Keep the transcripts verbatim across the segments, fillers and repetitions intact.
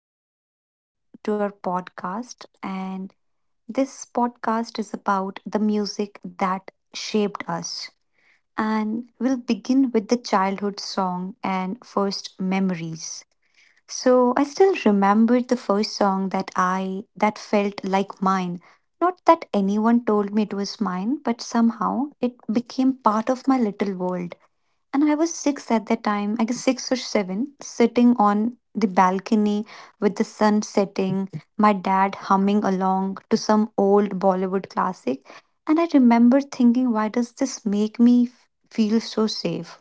Uh, Welcome to our podcast. And this podcast is about the music that shaped us. And we'll begin with the childhood song and first memories. So I still remember the first song that I that felt like mine. Not that anyone told me it was mine, but somehow it became part of my little world. And I was six at that time, I guess six or seven, sitting on the balcony with the sun setting, my dad humming along to some old Bollywood classic. And I remember thinking, why does this make me f- feel so safe?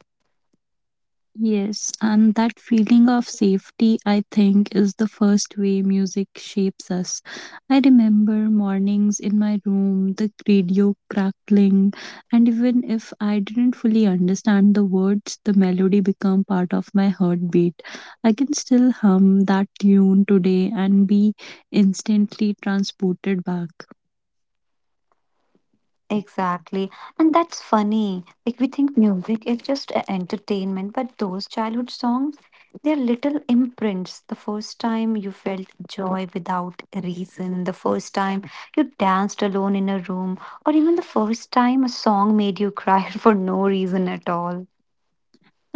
Yes, and that feeling of safety, I think, is the first way music shapes us. I remember mornings in my room, the radio crackling, and even if I didn't fully understand the words, the melody became part of my heartbeat. I can still hum that tune today and be instantly transported back. Exactly. And that's funny. Like we think music is just a- entertainment, but those childhood songs, they're little imprints. The first time you felt joy without a reason, the first time you danced alone in a room, or even the first time a song made you cry for no reason at all.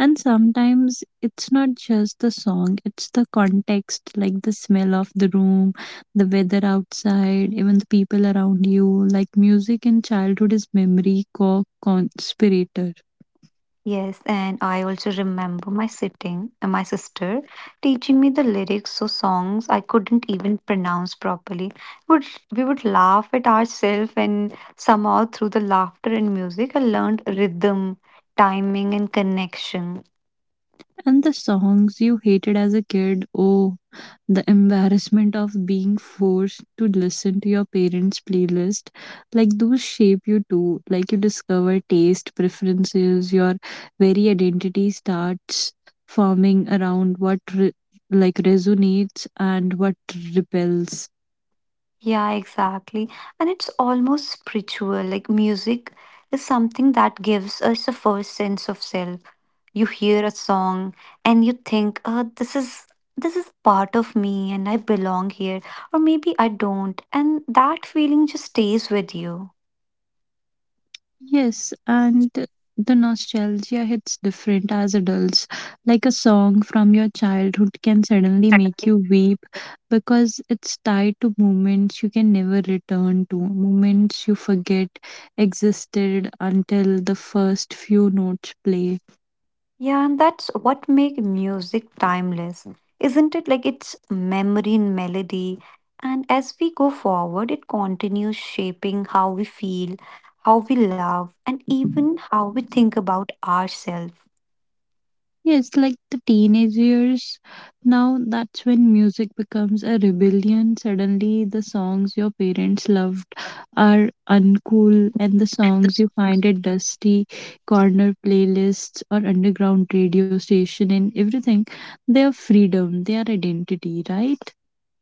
And sometimes it's not just the song, it's the context, like the smell of the room, the weather outside, even the people around you. Like music in childhood is memory co conspirator. Yes, and I also remember my sitting and my sister teaching me the lyrics so songs I couldn't even pronounce properly. Would we would laugh at ourselves, and somehow through the laughter and music I learned rhythm, timing and connection. And the songs you hated as a kid, oh, the embarrassment of being forced to listen to your parents' playlist. Like, those shape you too. Like, you discover taste, preferences, your very identity starts forming around what, re- like, resonates and what repels. Yeah, exactly. And it's almost spiritual. Like music is something that gives us a first sense of self. You hear a song and you think, oh, this is this is part of me and I belong here. Or maybe I don't. And that feeling just stays with you. Yes, and the nostalgia hits different as adults. Like a song from your childhood can suddenly make you weep because it's tied to moments you can never return to, moments you forget existed until the first few notes play. Yeah, and that's what make music timeless, isn't it? Like it's memory and melody. And as we go forward, it continues shaping how we feel, how we love, and even how we think about ourselves. Yes, like the teenage years. Now that's when music becomes a rebellion. Suddenly, the songs your parents loved are uncool, and the songs you find at dusty corner playlists or underground radio station and everything, they are freedom, they are identity, right?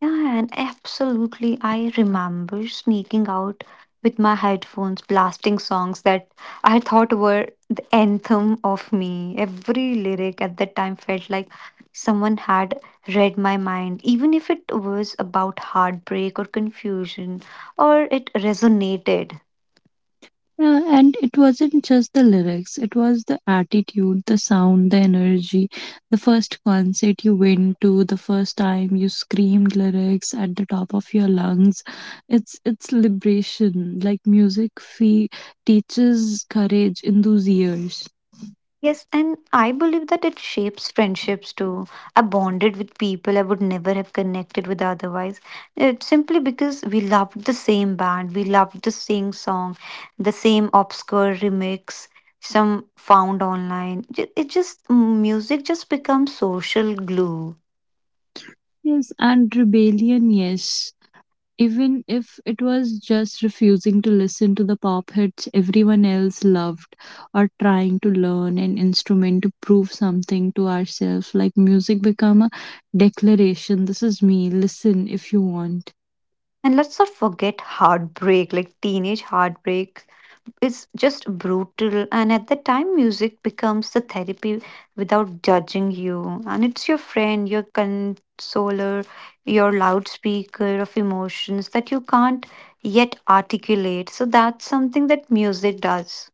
Yeah, and absolutely. I remember sneaking out with my headphones, blasting songs that I thought were the anthem of me. Every lyric at that time felt like someone had read my mind, even if it was about heartbreak or confusion, or it resonated. Yeah, and it wasn't just the lyrics, it was the attitude, the sound, the energy. The first concert you went to, the first time you screamed lyrics at the top of your lungs. It's it's liberation. Like music fee teaches courage in those years. Yes, and I believe that it shapes friendships too. I bonded with people I would never have connected with otherwise. It's simply because we loved the same band, we loved the same song, the same obscure remix, some found online. Ju- It just, mm, music just becomes social glue. Yes, and rebellion, yes. Even if it was just refusing to listen to the pop hits everyone else loved, or trying to learn an instrument to prove something to ourselves, like music become a declaration: this is me, listen if you want. And let's not forget heartbreak. Like teenage heartbreak is just brutal, and at the time music becomes the therapy without judging you, and it's your friend, your consoler, your loudspeaker of emotions that you can't yet articulate. So that's something that music does.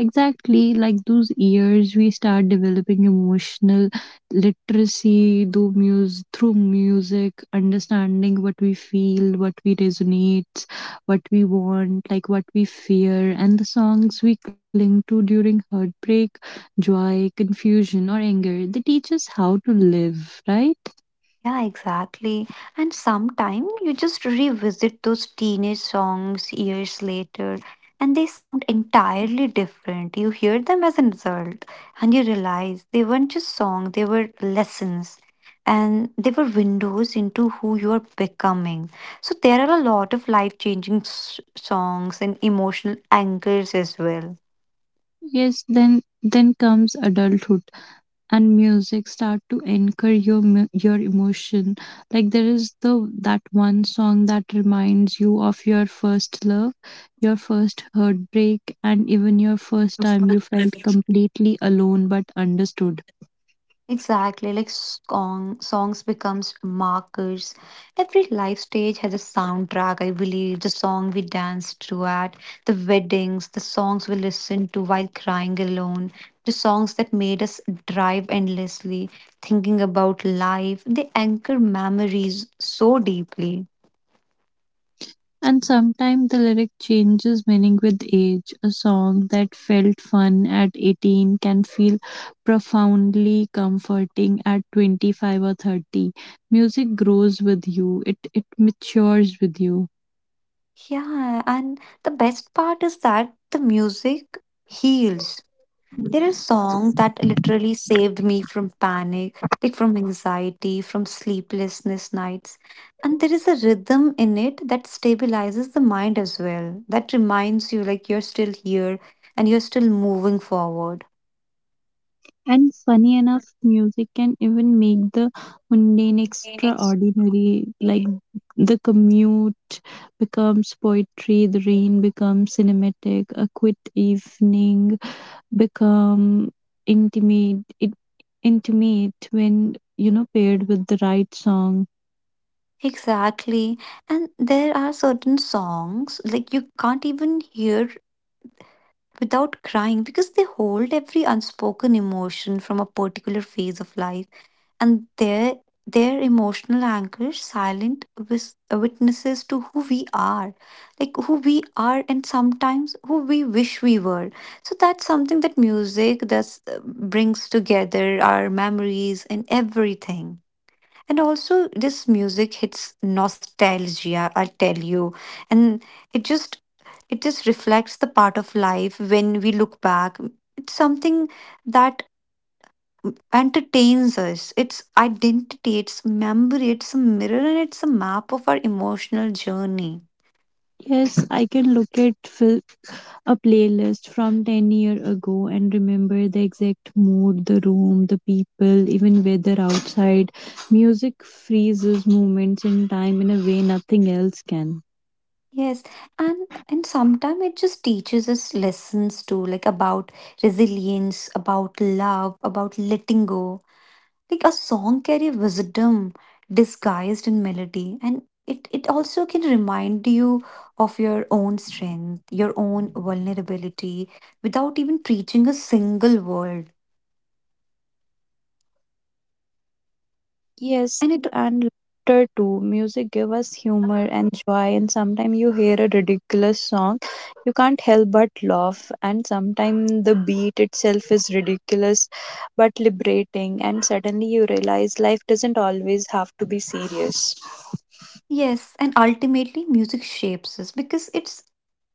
Exactly, like those years we start developing emotional literacy through music, through music, understanding what we feel, what we resonate, what we want, like what we fear, and the songs we cling to during heartbreak, joy, confusion, or anger. They teach us how to live, right? Yeah, exactly. And sometime you just revisit those teenage songs years later and they sound entirely different. You hear them as an adult and you realize they weren't just songs, they were lessons, and they were windows into who you are becoming. So there are a lot of life changing s- songs and emotional anchors as well. Yes, then then comes adulthood. And music start to anchor your mu- your emotion, like there is the, that one song that reminds you of your first love, your first heartbreak, and even your first time you felt completely alone but understood. Exactly, like song, songs becomes markers. Every life stage has a soundtrack, I believe. The song we danced to at the weddings, the songs we listened to while crying alone, the songs that made us drive endlessly, thinking about life. They anchor memories so deeply. And sometimes the lyric changes meaning with age. A song that felt fun at eighteen can feel profoundly comforting at twenty-five or thirty. Music grows with you, it it matures with you. Yeah, and the best part is that the music heals. There are songs that literally saved me from panic, like from anxiety, from sleeplessness nights. And there is a rhythm in it that stabilizes the mind as well, that reminds you like you're still here and you're still moving forward. And funny enough, music can even make the mundane Phoenix. extraordinary. Like the commute becomes poetry, the rain becomes cinematic, a quiet evening become intimate it, intimate when, you know, paired with the right song. Exactly. And there are certain songs like you can't even hear without crying because they hold every unspoken emotion from a particular phase of life. And their their emotional anchor, silent wis- witnesses to who we are, like who we are and sometimes who we wish we were. So that's something that music thus uh, brings together our memories and everything. And also this music hits nostalgia, I'll tell you. And it just it just reflects the part of life when we look back. It's something that entertains us. It's identity, it's memory, it's a mirror, and it's a map of our emotional journey. Yes, I can look at fil- a playlist from ten year ago and remember the exact mood, the room, the people, even weather outside. Music freezes moments in time in a way nothing else can. Yes, and and sometimes it just teaches us lessons too, like about resilience, about love, about letting go. Like a song carry wisdom disguised in melody, and it it also can remind you of your own strength, your own vulnerability, without even preaching a single word. Yes, And it and laughter too. Music give us humor and joy, and sometimes you hear a ridiculous song, you can't help but laugh, and sometimes the beat itself is ridiculous but liberating, and suddenly you realize life doesn't always have to be serious. Yes, and ultimately, music shapes us because it's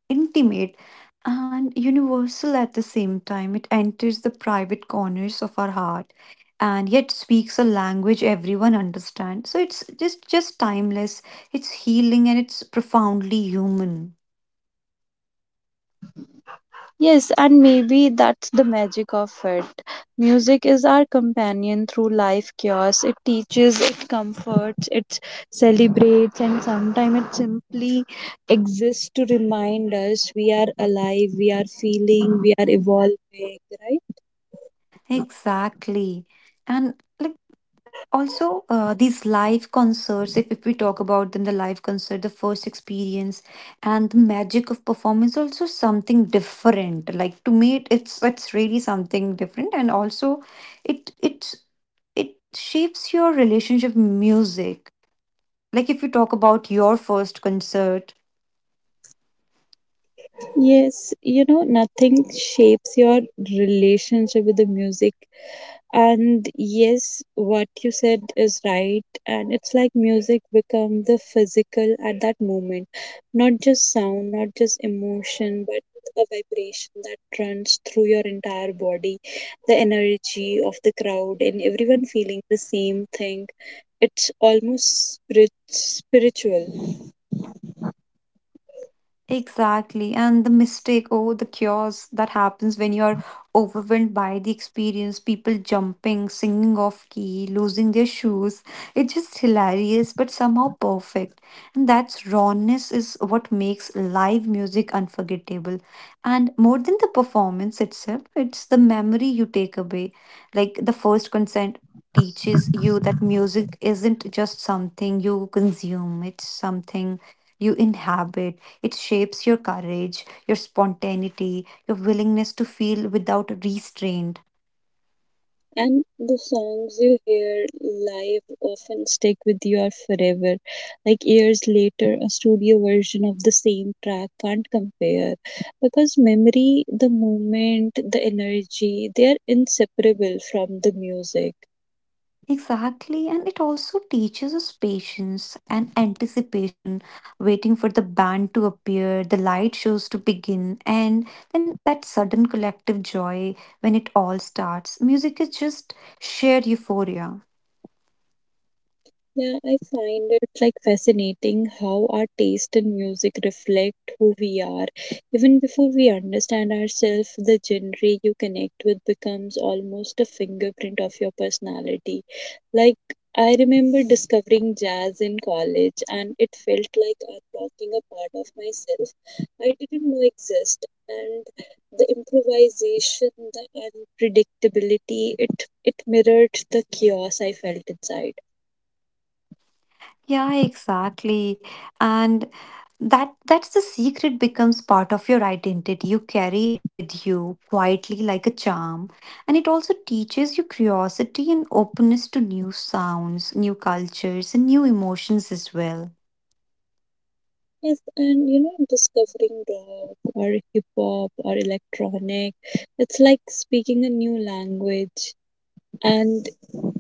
intimate and universal at the same time. It enters the private corners of our heart and yet speaks a language everyone understands. So it's just just timeless, it's healing and it's profoundly human. Yes, and maybe that's the magic of it. Music is our companion through life chaos. It teaches, it comforts, it celebrates, and sometimes it simply exists to remind us we are alive, we are feeling, we are evolving, right? Exactly. And like also uh, these live concerts, if, if we talk about them, the live concert, the first experience and the magic of performance, also something different. Like to me it, it's it's really something different, and also it it's it shapes your relationship with music, like if you talk about your first concert. Yes, you know, nothing shapes your relationship with the music. And yes, what you said is right. And it's like music become the physical at that moment. Not just sound, not just emotion, but a vibration that runs through your entire body. The energy of the crowd and everyone feeling the same thing. It's almost spirit- spiritual. Exactly. And the mistake, oh, the chaos that happens when you're overwhelmed by the experience, people jumping, singing off key, losing their shoes. It's just hilarious, but somehow perfect. And that rawness is what makes live music unforgettable. And more than the performance itself, it's the memory you take away. Like the first consent teaches you that music isn't just something you consume, it's something you inhabit. It shapes your courage, your spontaneity, your willingness to feel without restraint. And the songs you hear live often stick with you forever. Like years later, a studio version of the same track can't compare, because memory, the moment, the energy, they are inseparable from the music. Exactly, and it also teaches us patience and anticipation, waiting for the band to appear, the light shows to begin, and then that sudden collective joy when it all starts. Music is just shared euphoria. Yeah, I find it like fascinating how our taste in music reflect who we are. Even before we understand ourselves, the genre you connect with becomes almost a fingerprint of your personality. Like, I remember discovering jazz in college and it felt like unlocking a part of myself I didn't know exist, and the improvisation, the unpredictability, it it mirrored the chaos I felt inside. Yeah, exactly. And that that's the secret, becomes part of your identity. You carry it with you quietly like a charm. And it also teaches you curiosity and openness to new sounds, new cultures, and new emotions as well. Yes, and you know, discovering rock or hip hop or electronic, it's like speaking a new language, and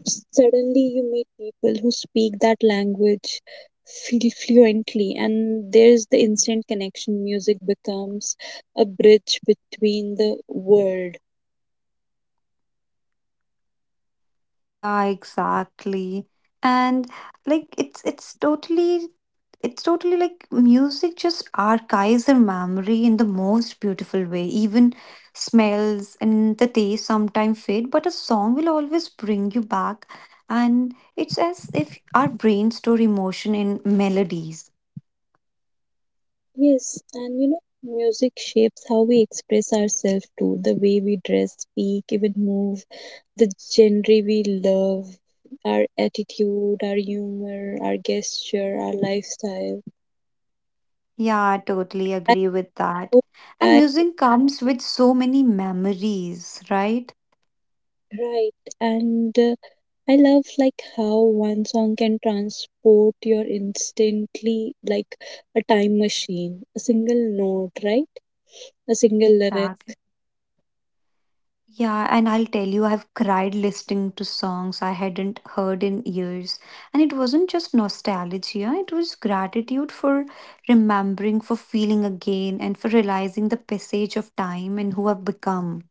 suddenly you meet people who speak that language feel fluently, and there's the instant connection. Music becomes a bridge between the world. Yeah, exactly. And like it's it's totally it's totally like music just archives our memory in the most beautiful way. Even smells and the taste sometimes fade, but a song will always bring you back. And it's as if our brain store emotion in melodies. Yes, and you know, music shapes how we express ourselves too, the way we dress, speak, even move, the genre we love, our attitude, our humor, our gesture, our lifestyle. Yeah, I totally I agree with that. hope And I music comes with so many memories, right? right, and uh, I love like how one song can transport your instantly, like a time machine, a single note, right? A single lyric. Exactly. Yeah, and I'll tell you, I've cried listening to songs I hadn't heard in years. And it wasn't just nostalgia, it was gratitude for remembering, for feeling again, and for realizing the passage of time and who I've become.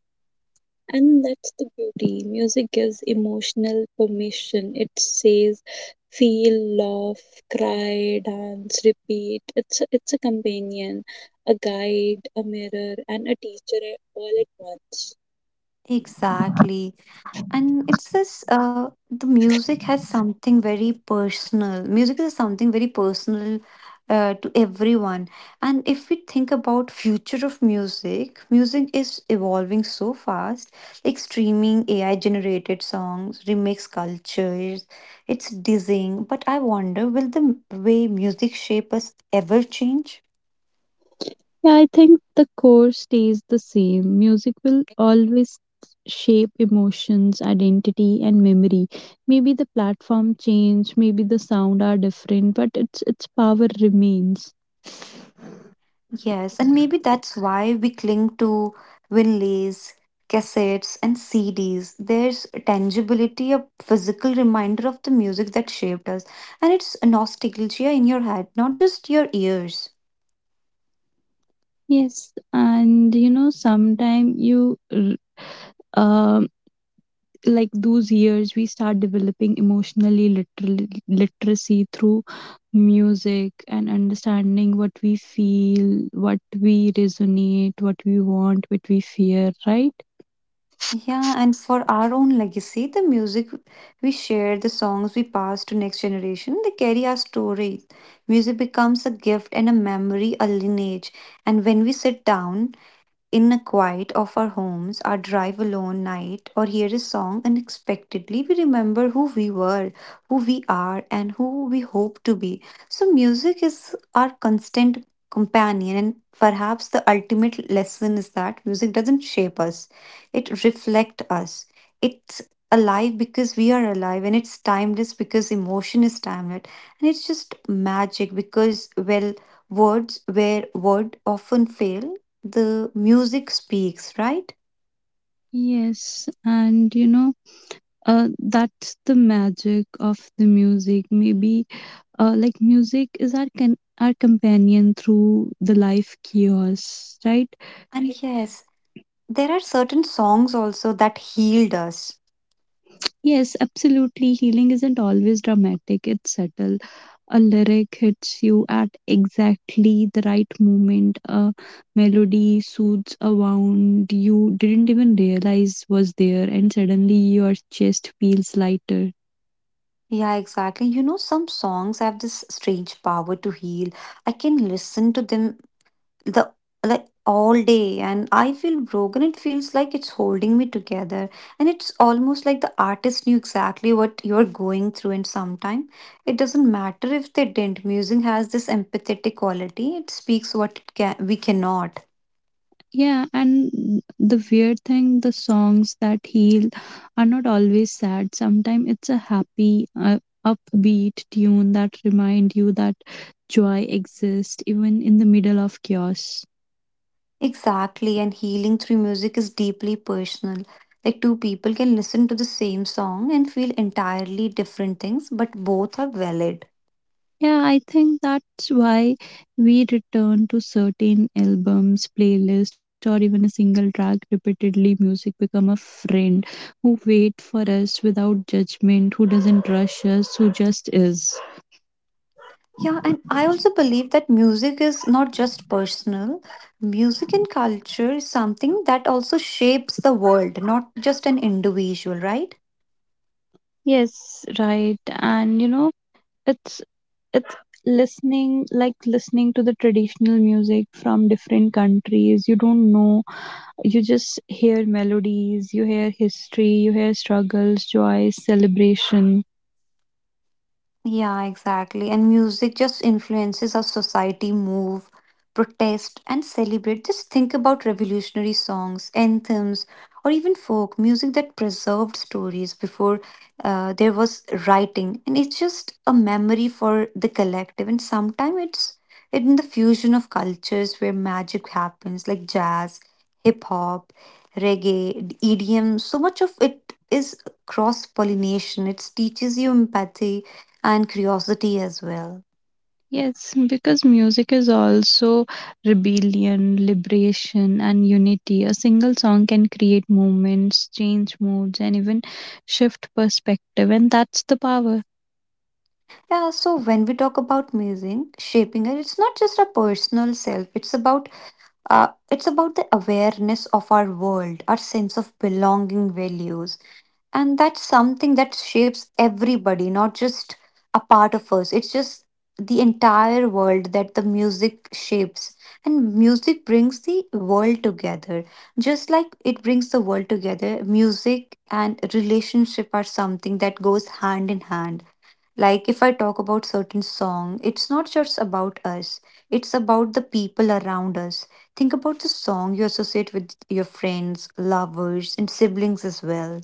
And that's the beauty. Music gives emotional permission. It says feel, laugh, cry, dance, repeat. It's a, it's a companion, a guide, a mirror, and a teacher all at once. Exactly. And it's this uh, the music has something very personal. Music is something very personal uh, to everyone. And if we think about future of music, music is evolving so fast, like streaming, A I generated songs, remix cultures. It's dizzying, but I wonder, will the way music shape us ever change? Yeah, I think the core stays the same. Music will always shape emotions, identity, and memory. Maybe the platform change, maybe the sound are different, but its its power remains. Yes, and maybe that's why we cling to Winleys, cassettes, and C Ds. There's a tangibility, a physical reminder of the music that shaped us. And it's nostalgia in your head, not just your ears. Yes, and you know, sometime you, r- um, like those years, we start developing emotionally literal literacy through music, and understanding what we feel, what we resonate, what we want, what we fear, right? Yeah, and for our own legacy, the music we share, the songs we pass to next generation, they carry our stories. Music becomes a gift and a memory, a lineage. And when we sit down in the quiet of our homes, our drive alone night, or hear a song unexpectedly, we remember who we were, who we are, and who we hope to be. So, music is our constant companion, and perhaps the ultimate lesson is that music doesn't shape us, it reflects us. It's alive because we are alive, and it's timeless because emotion is timeless, and it's just magic because, well, words where word often fail, the music speaks, right? Yes, and you know, uh, that's the magic of the music. Maybe, uh, like music is our con- our companion through the life chaos, right? And right. Yes, there are certain songs also that healed us. Yes, absolutely. Healing isn't always dramatic, it's subtle. A lyric hits you at exactly the right moment, a melody soothes a wound you didn't even realize was there, and suddenly your chest feels lighter. Yeah, exactly. You know, some songs have this strange power to heal. I can listen to them the like all day and I feel broken. It feels like it's holding me together. And it's almost like the artist knew exactly what you're going through, and sometimes it doesn't matter if they didn't. Music has this empathetic quality. It speaks what it can we cannot. Yeah, and the weird thing, the songs that heal are not always sad. Sometimes it's a happy, uh, upbeat tune that remind you that joy exists even in the middle of chaos. Exactly, and healing through music is deeply personal. Like two people can listen to the same song and feel entirely different things, but both are valid. Yeah, I think that's why we return to certain albums, playlist, or even a single track repeatedly. Music become a friend who wait for us without judgment, who doesn't rush us, who just is. Yeah, and I also believe that music is not just personal. Music and culture is something that also shapes the world, not just an individual, right? Yes, right. And you know, it's it's listening, like listening to the traditional music from different countries. You don't know. You just hear melodies, you hear history, you hear struggles, joys, celebration. Yeah, exactly. And music just influences our society move, protest, and celebrate. Just think about revolutionary songs, anthems, or even folk music that preserved stories before uh, there was writing. And it's just a memory for the collective. And sometimes it's in the fusion of cultures where magic happens, like jazz, hip hop, reggae, E D M. So much of it is cross pollination. It teaches you empathy and curiosity as well. Yes, because music is also rebellion, liberation, and unity. A single song can create movements, change moods, and even shift perspective, and that's the power. Yeah, so when we talk about music shaping it, it's not just a personal self, it's about Uh, it's about the awareness of our world, our sense of belonging, values. And that's something that shapes everybody, not just a part of us. It's just the entire world that the music shapes. And music brings the world together. Just like it brings the world together, music and relationship are something that goes hand in hand, like if I talk about certain song, it's not just about us. It's about the people around us. Think about the song you associate with your friends, lovers, and siblings as well.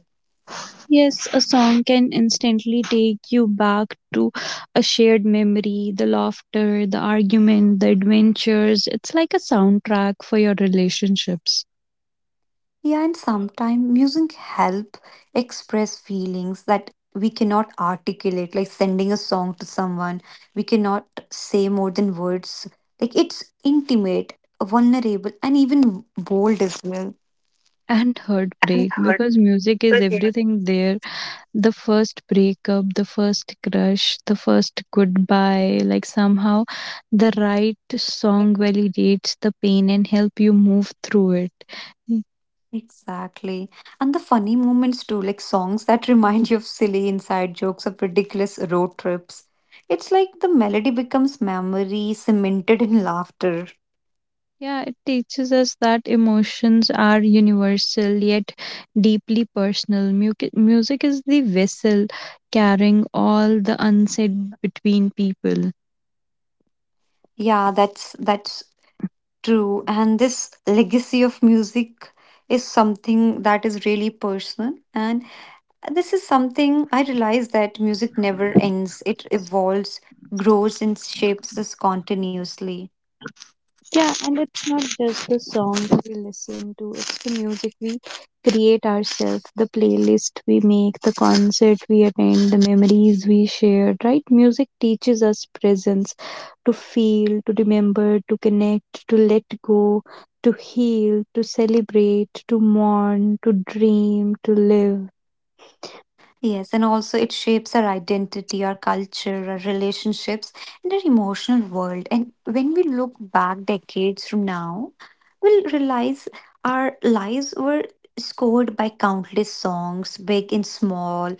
Yes, a song can instantly take you back to a shared memory, the laughter, the argument, the adventures. It's like a soundtrack for your relationships, Yeah, and sometimes music help express feelings that we cannot articulate, like sending a song to someone. We cannot say more than words. Like it's intimate, vulnerable, and even bold as well. and And heartbreak, hurtful. because music is Yeah. everything there. The first breakup, the first crush, the first goodbye, like somehow the right song validates the pain and help you move through it. Mm. Exactly. And the funny moments too, like songs that remind you of silly inside jokes of ridiculous road trips. It's like the melody becomes memory cemented in laughter. Yeah, it teaches us that emotions are universal yet deeply personal. Mu- music is the vessel carrying all the unsaid between people. Yeah, that's that's true. And this legacy of music is something that is really personal. And this is something I realize that music never ends. It evolves, grows, and shapes us continuously. Yeah, and it's not just the songs we listen to, it's the music we create ourselves, the playlist we make, the concert we attend, the memories we share, right? Music teaches us presence, to feel, to remember, to connect, to let go, to heal, to celebrate, to mourn, to dream, to live. Yes, and also it shapes our identity, our culture, our relationships, and our emotional world. And when we look back decades from now, we'll realize our lives were scored by countless songs, big and small,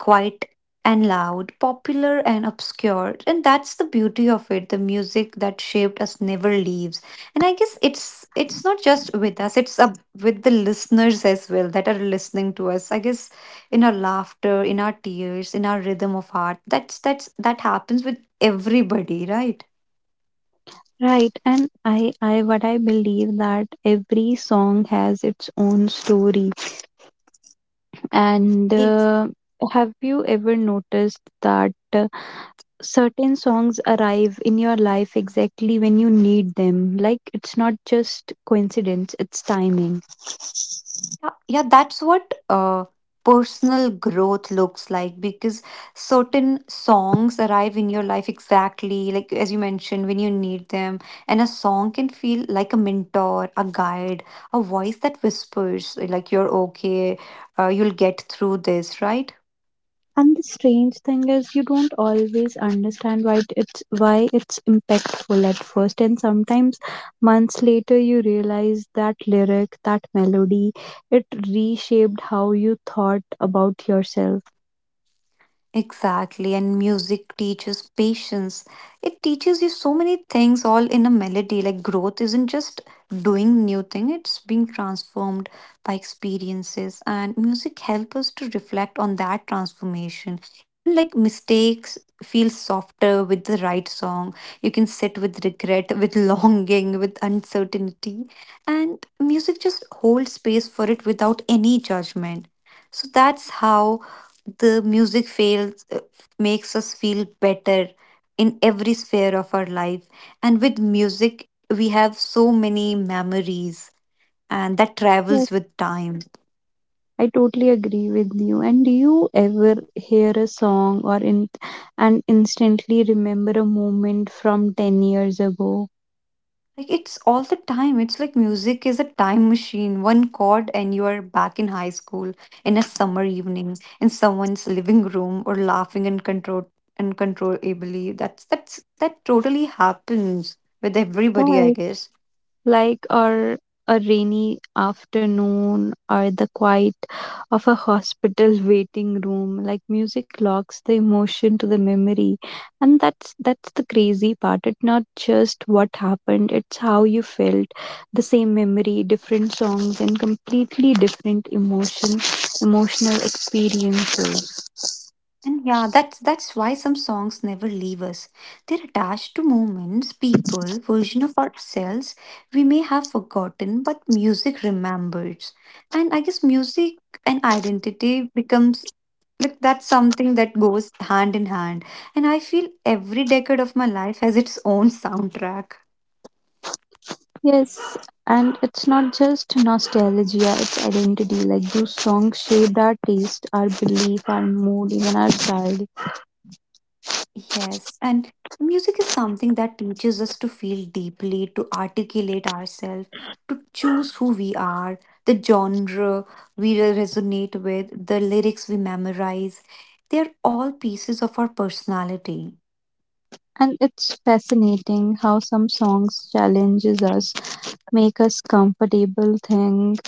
quiet and loud, popular and obscure. And that's the beauty of it. The music that shaped us never leaves. And I guess it's it's not just with us, it's up with the listeners as well that are listening to us. I guess in our laughter, in our tears, in our rhythm of heart. That's that's that happens with everybody, right? Right, and I, I, what I believe that every song has its own story. And It's uh, have you ever noticed that uh, certain songs arrive in your life exactly when you need them? Like it's not just coincidence, it's timing. yeah, yeah that's what uh personal growth looks like, because certain songs arrive in your life exactly, like as you mentioned, when you need them, and a song can feel like a mentor, a guide, a voice that whispers like, you're okay, uh, you'll get through this, right? And the strange thing is you don't always understand why it- it's why it's impactful at first, and sometimes months later you realize that lyric, that melody, it reshaped how you thought about yourself. Exactly, and music teaches patience. It teaches you so many things all in a melody. Like growth isn't just doing new thing, it's being transformed by experiences, and music helps us to reflect on that transformation. Even like mistakes feel softer with the right song. You can sit with regret, with longing, with uncertainty, and music just holds space for it without any judgment. So that's how the music feels uh, makes us feel better in every sphere of our life, and with music we have so many memories, and that travels with time. I totally agree with you. And do you ever hear a song or in and instantly remember a moment from ten years ago? Like it's all the time, it's like music is a time machine. One chord and you are back in high school, in a summer evening, in someone's living room, or laughing uncontrol- uncontrollably. That's that's that totally happens with everybody, I Right. guess. Like, or a rainy afternoon, or the quiet of a hospital waiting room, like music locks the emotion to the memory, and that's that's the crazy part. It's not just what happened, it's how you felt. The same memory, different songs, and completely different emotion emotional experiences. And yeah, that's that's why some songs never leave us. They're attached to moments, people, version of ourselves we may have forgotten, but music remembers. And I guess music and identity becomes like that's something that goes hand in hand. And I feel every decade of my life has its own soundtrack. Yes, and it's not just nostalgia, it's identity. Like those songs shaped our taste, our belief, our mood, even our style. Yes, and music is something that teaches us to feel deeply, to articulate ourselves, to choose who we are, the genre we resonate with, the lyrics we memorize. They are all pieces of our personality. And it's fascinating how some songs challenges us, make us comfortable, think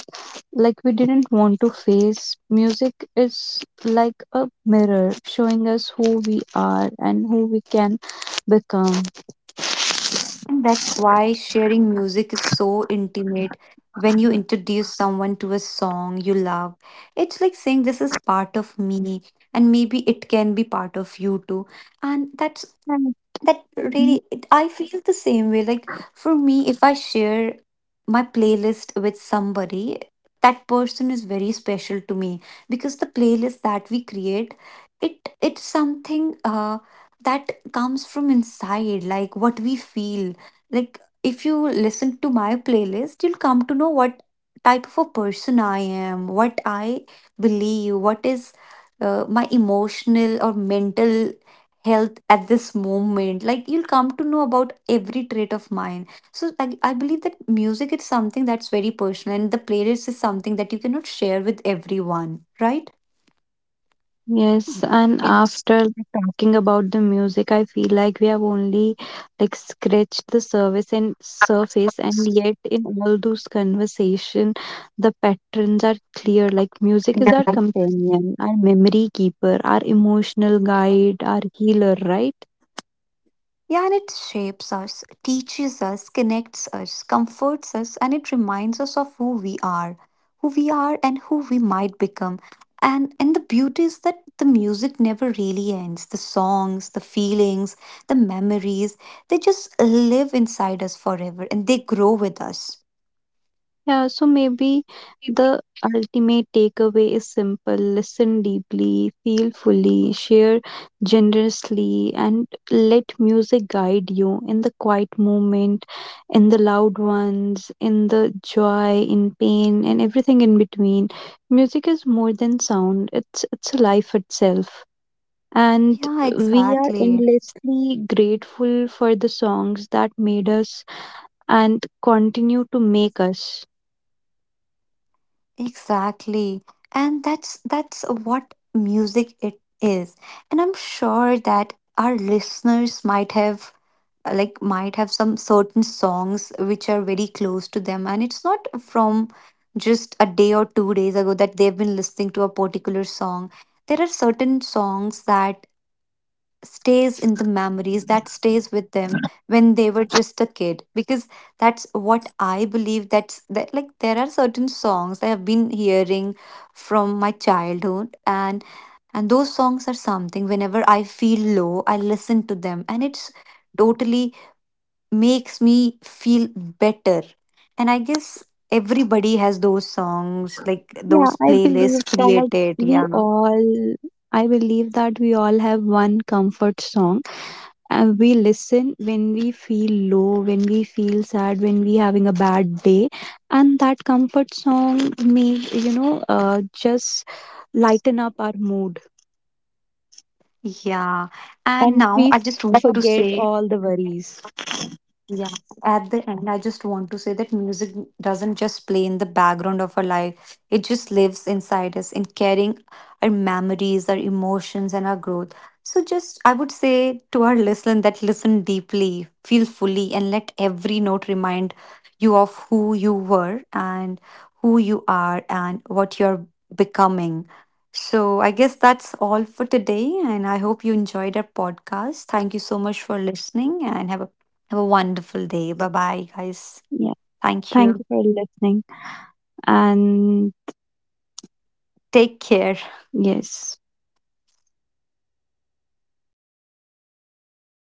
like we didn't want to face. Music is like a mirror showing us who we are and who we can become. And that's why sharing music is so intimate. When you introduce someone to a song you love, it's like saying, this is part of me, and maybe it can be part of you too. And that's Right. that really it. I feel the same way, like for me, if I share my playlist with somebody, that person is very special to me, because the playlist that we create, it it's something uh, that comes from inside, like what we feel. Like if you listen to my playlist, you'll come to know what type of a person I am, what I believe, what is uh, my emotional or mental health at this moment. Like you'll come to know about every trait of mine. So I, I believe that music is something that's very personal, and the playlist is something that you cannot share with everyone, right? Yes, and Yes. after like, talking about the music, I feel like we have only like scratched the surface and surface, and yet in all those conversation, the patterns are clear. Like music is You're our companion, our memory keeper, our emotional right. guide, our healer, right? Yeah, and it shapes us, teaches us, connects us, comforts us, and it reminds us of who we are, who we are, and who we might become. And and the beauty is that the music never really ends. The songs, the feelings, the memories, they just live inside us forever, and they grow with us. Yeah, so maybe the ultimate takeaway is simple: listen deeply, feel fully, share generously, and let music guide you in the quiet moment, in the loud ones, in the joy, in pain, and everything in between. Music is more than sound, it's, it's life itself. And Yeah, we are exactly. endlessly grateful for the songs that made us and continue to make us. Exactly. And that's that's what music it is. And I'm sure that our listeners might have uh, like might have some certain songs which are very close to them, and it's not from just a day or two days ago that they've been listening to a particular song. There are certain songs that stays in the memories, that stays with them when they were just a kid. Because that's what I believe, that's that, like there are certain songs I have been hearing from my childhood, and and those songs are something whenever I feel low I listen to them, and it's totally makes me feel better. And I guess everybody has those songs, like Yeah, those I believe playlists that created. we Yeah, all, I believe that we all have one comfort song, and we listen when we feel low, when we feel sad, when we having a bad day. And that comfort song may, you know, uh, just lighten up our mood, yeah, and and now we I just want to forget say. all the worries. Yeah, at the end, I just want to say that music doesn't just play in the background of our life, it just lives inside us, in carrying our memories, our emotions, and our growth. So, just I would say to our listener that listen deeply, feel fully, and let every note remind you of who you were, and who you are, and what you're becoming. So, I guess that's all for today, and I hope you enjoyed our podcast. Thank you so much for listening, and have a have a wonderful day. Bye bye, guys. Yeah. Thank Thank you you. for listening. And Take care. yes.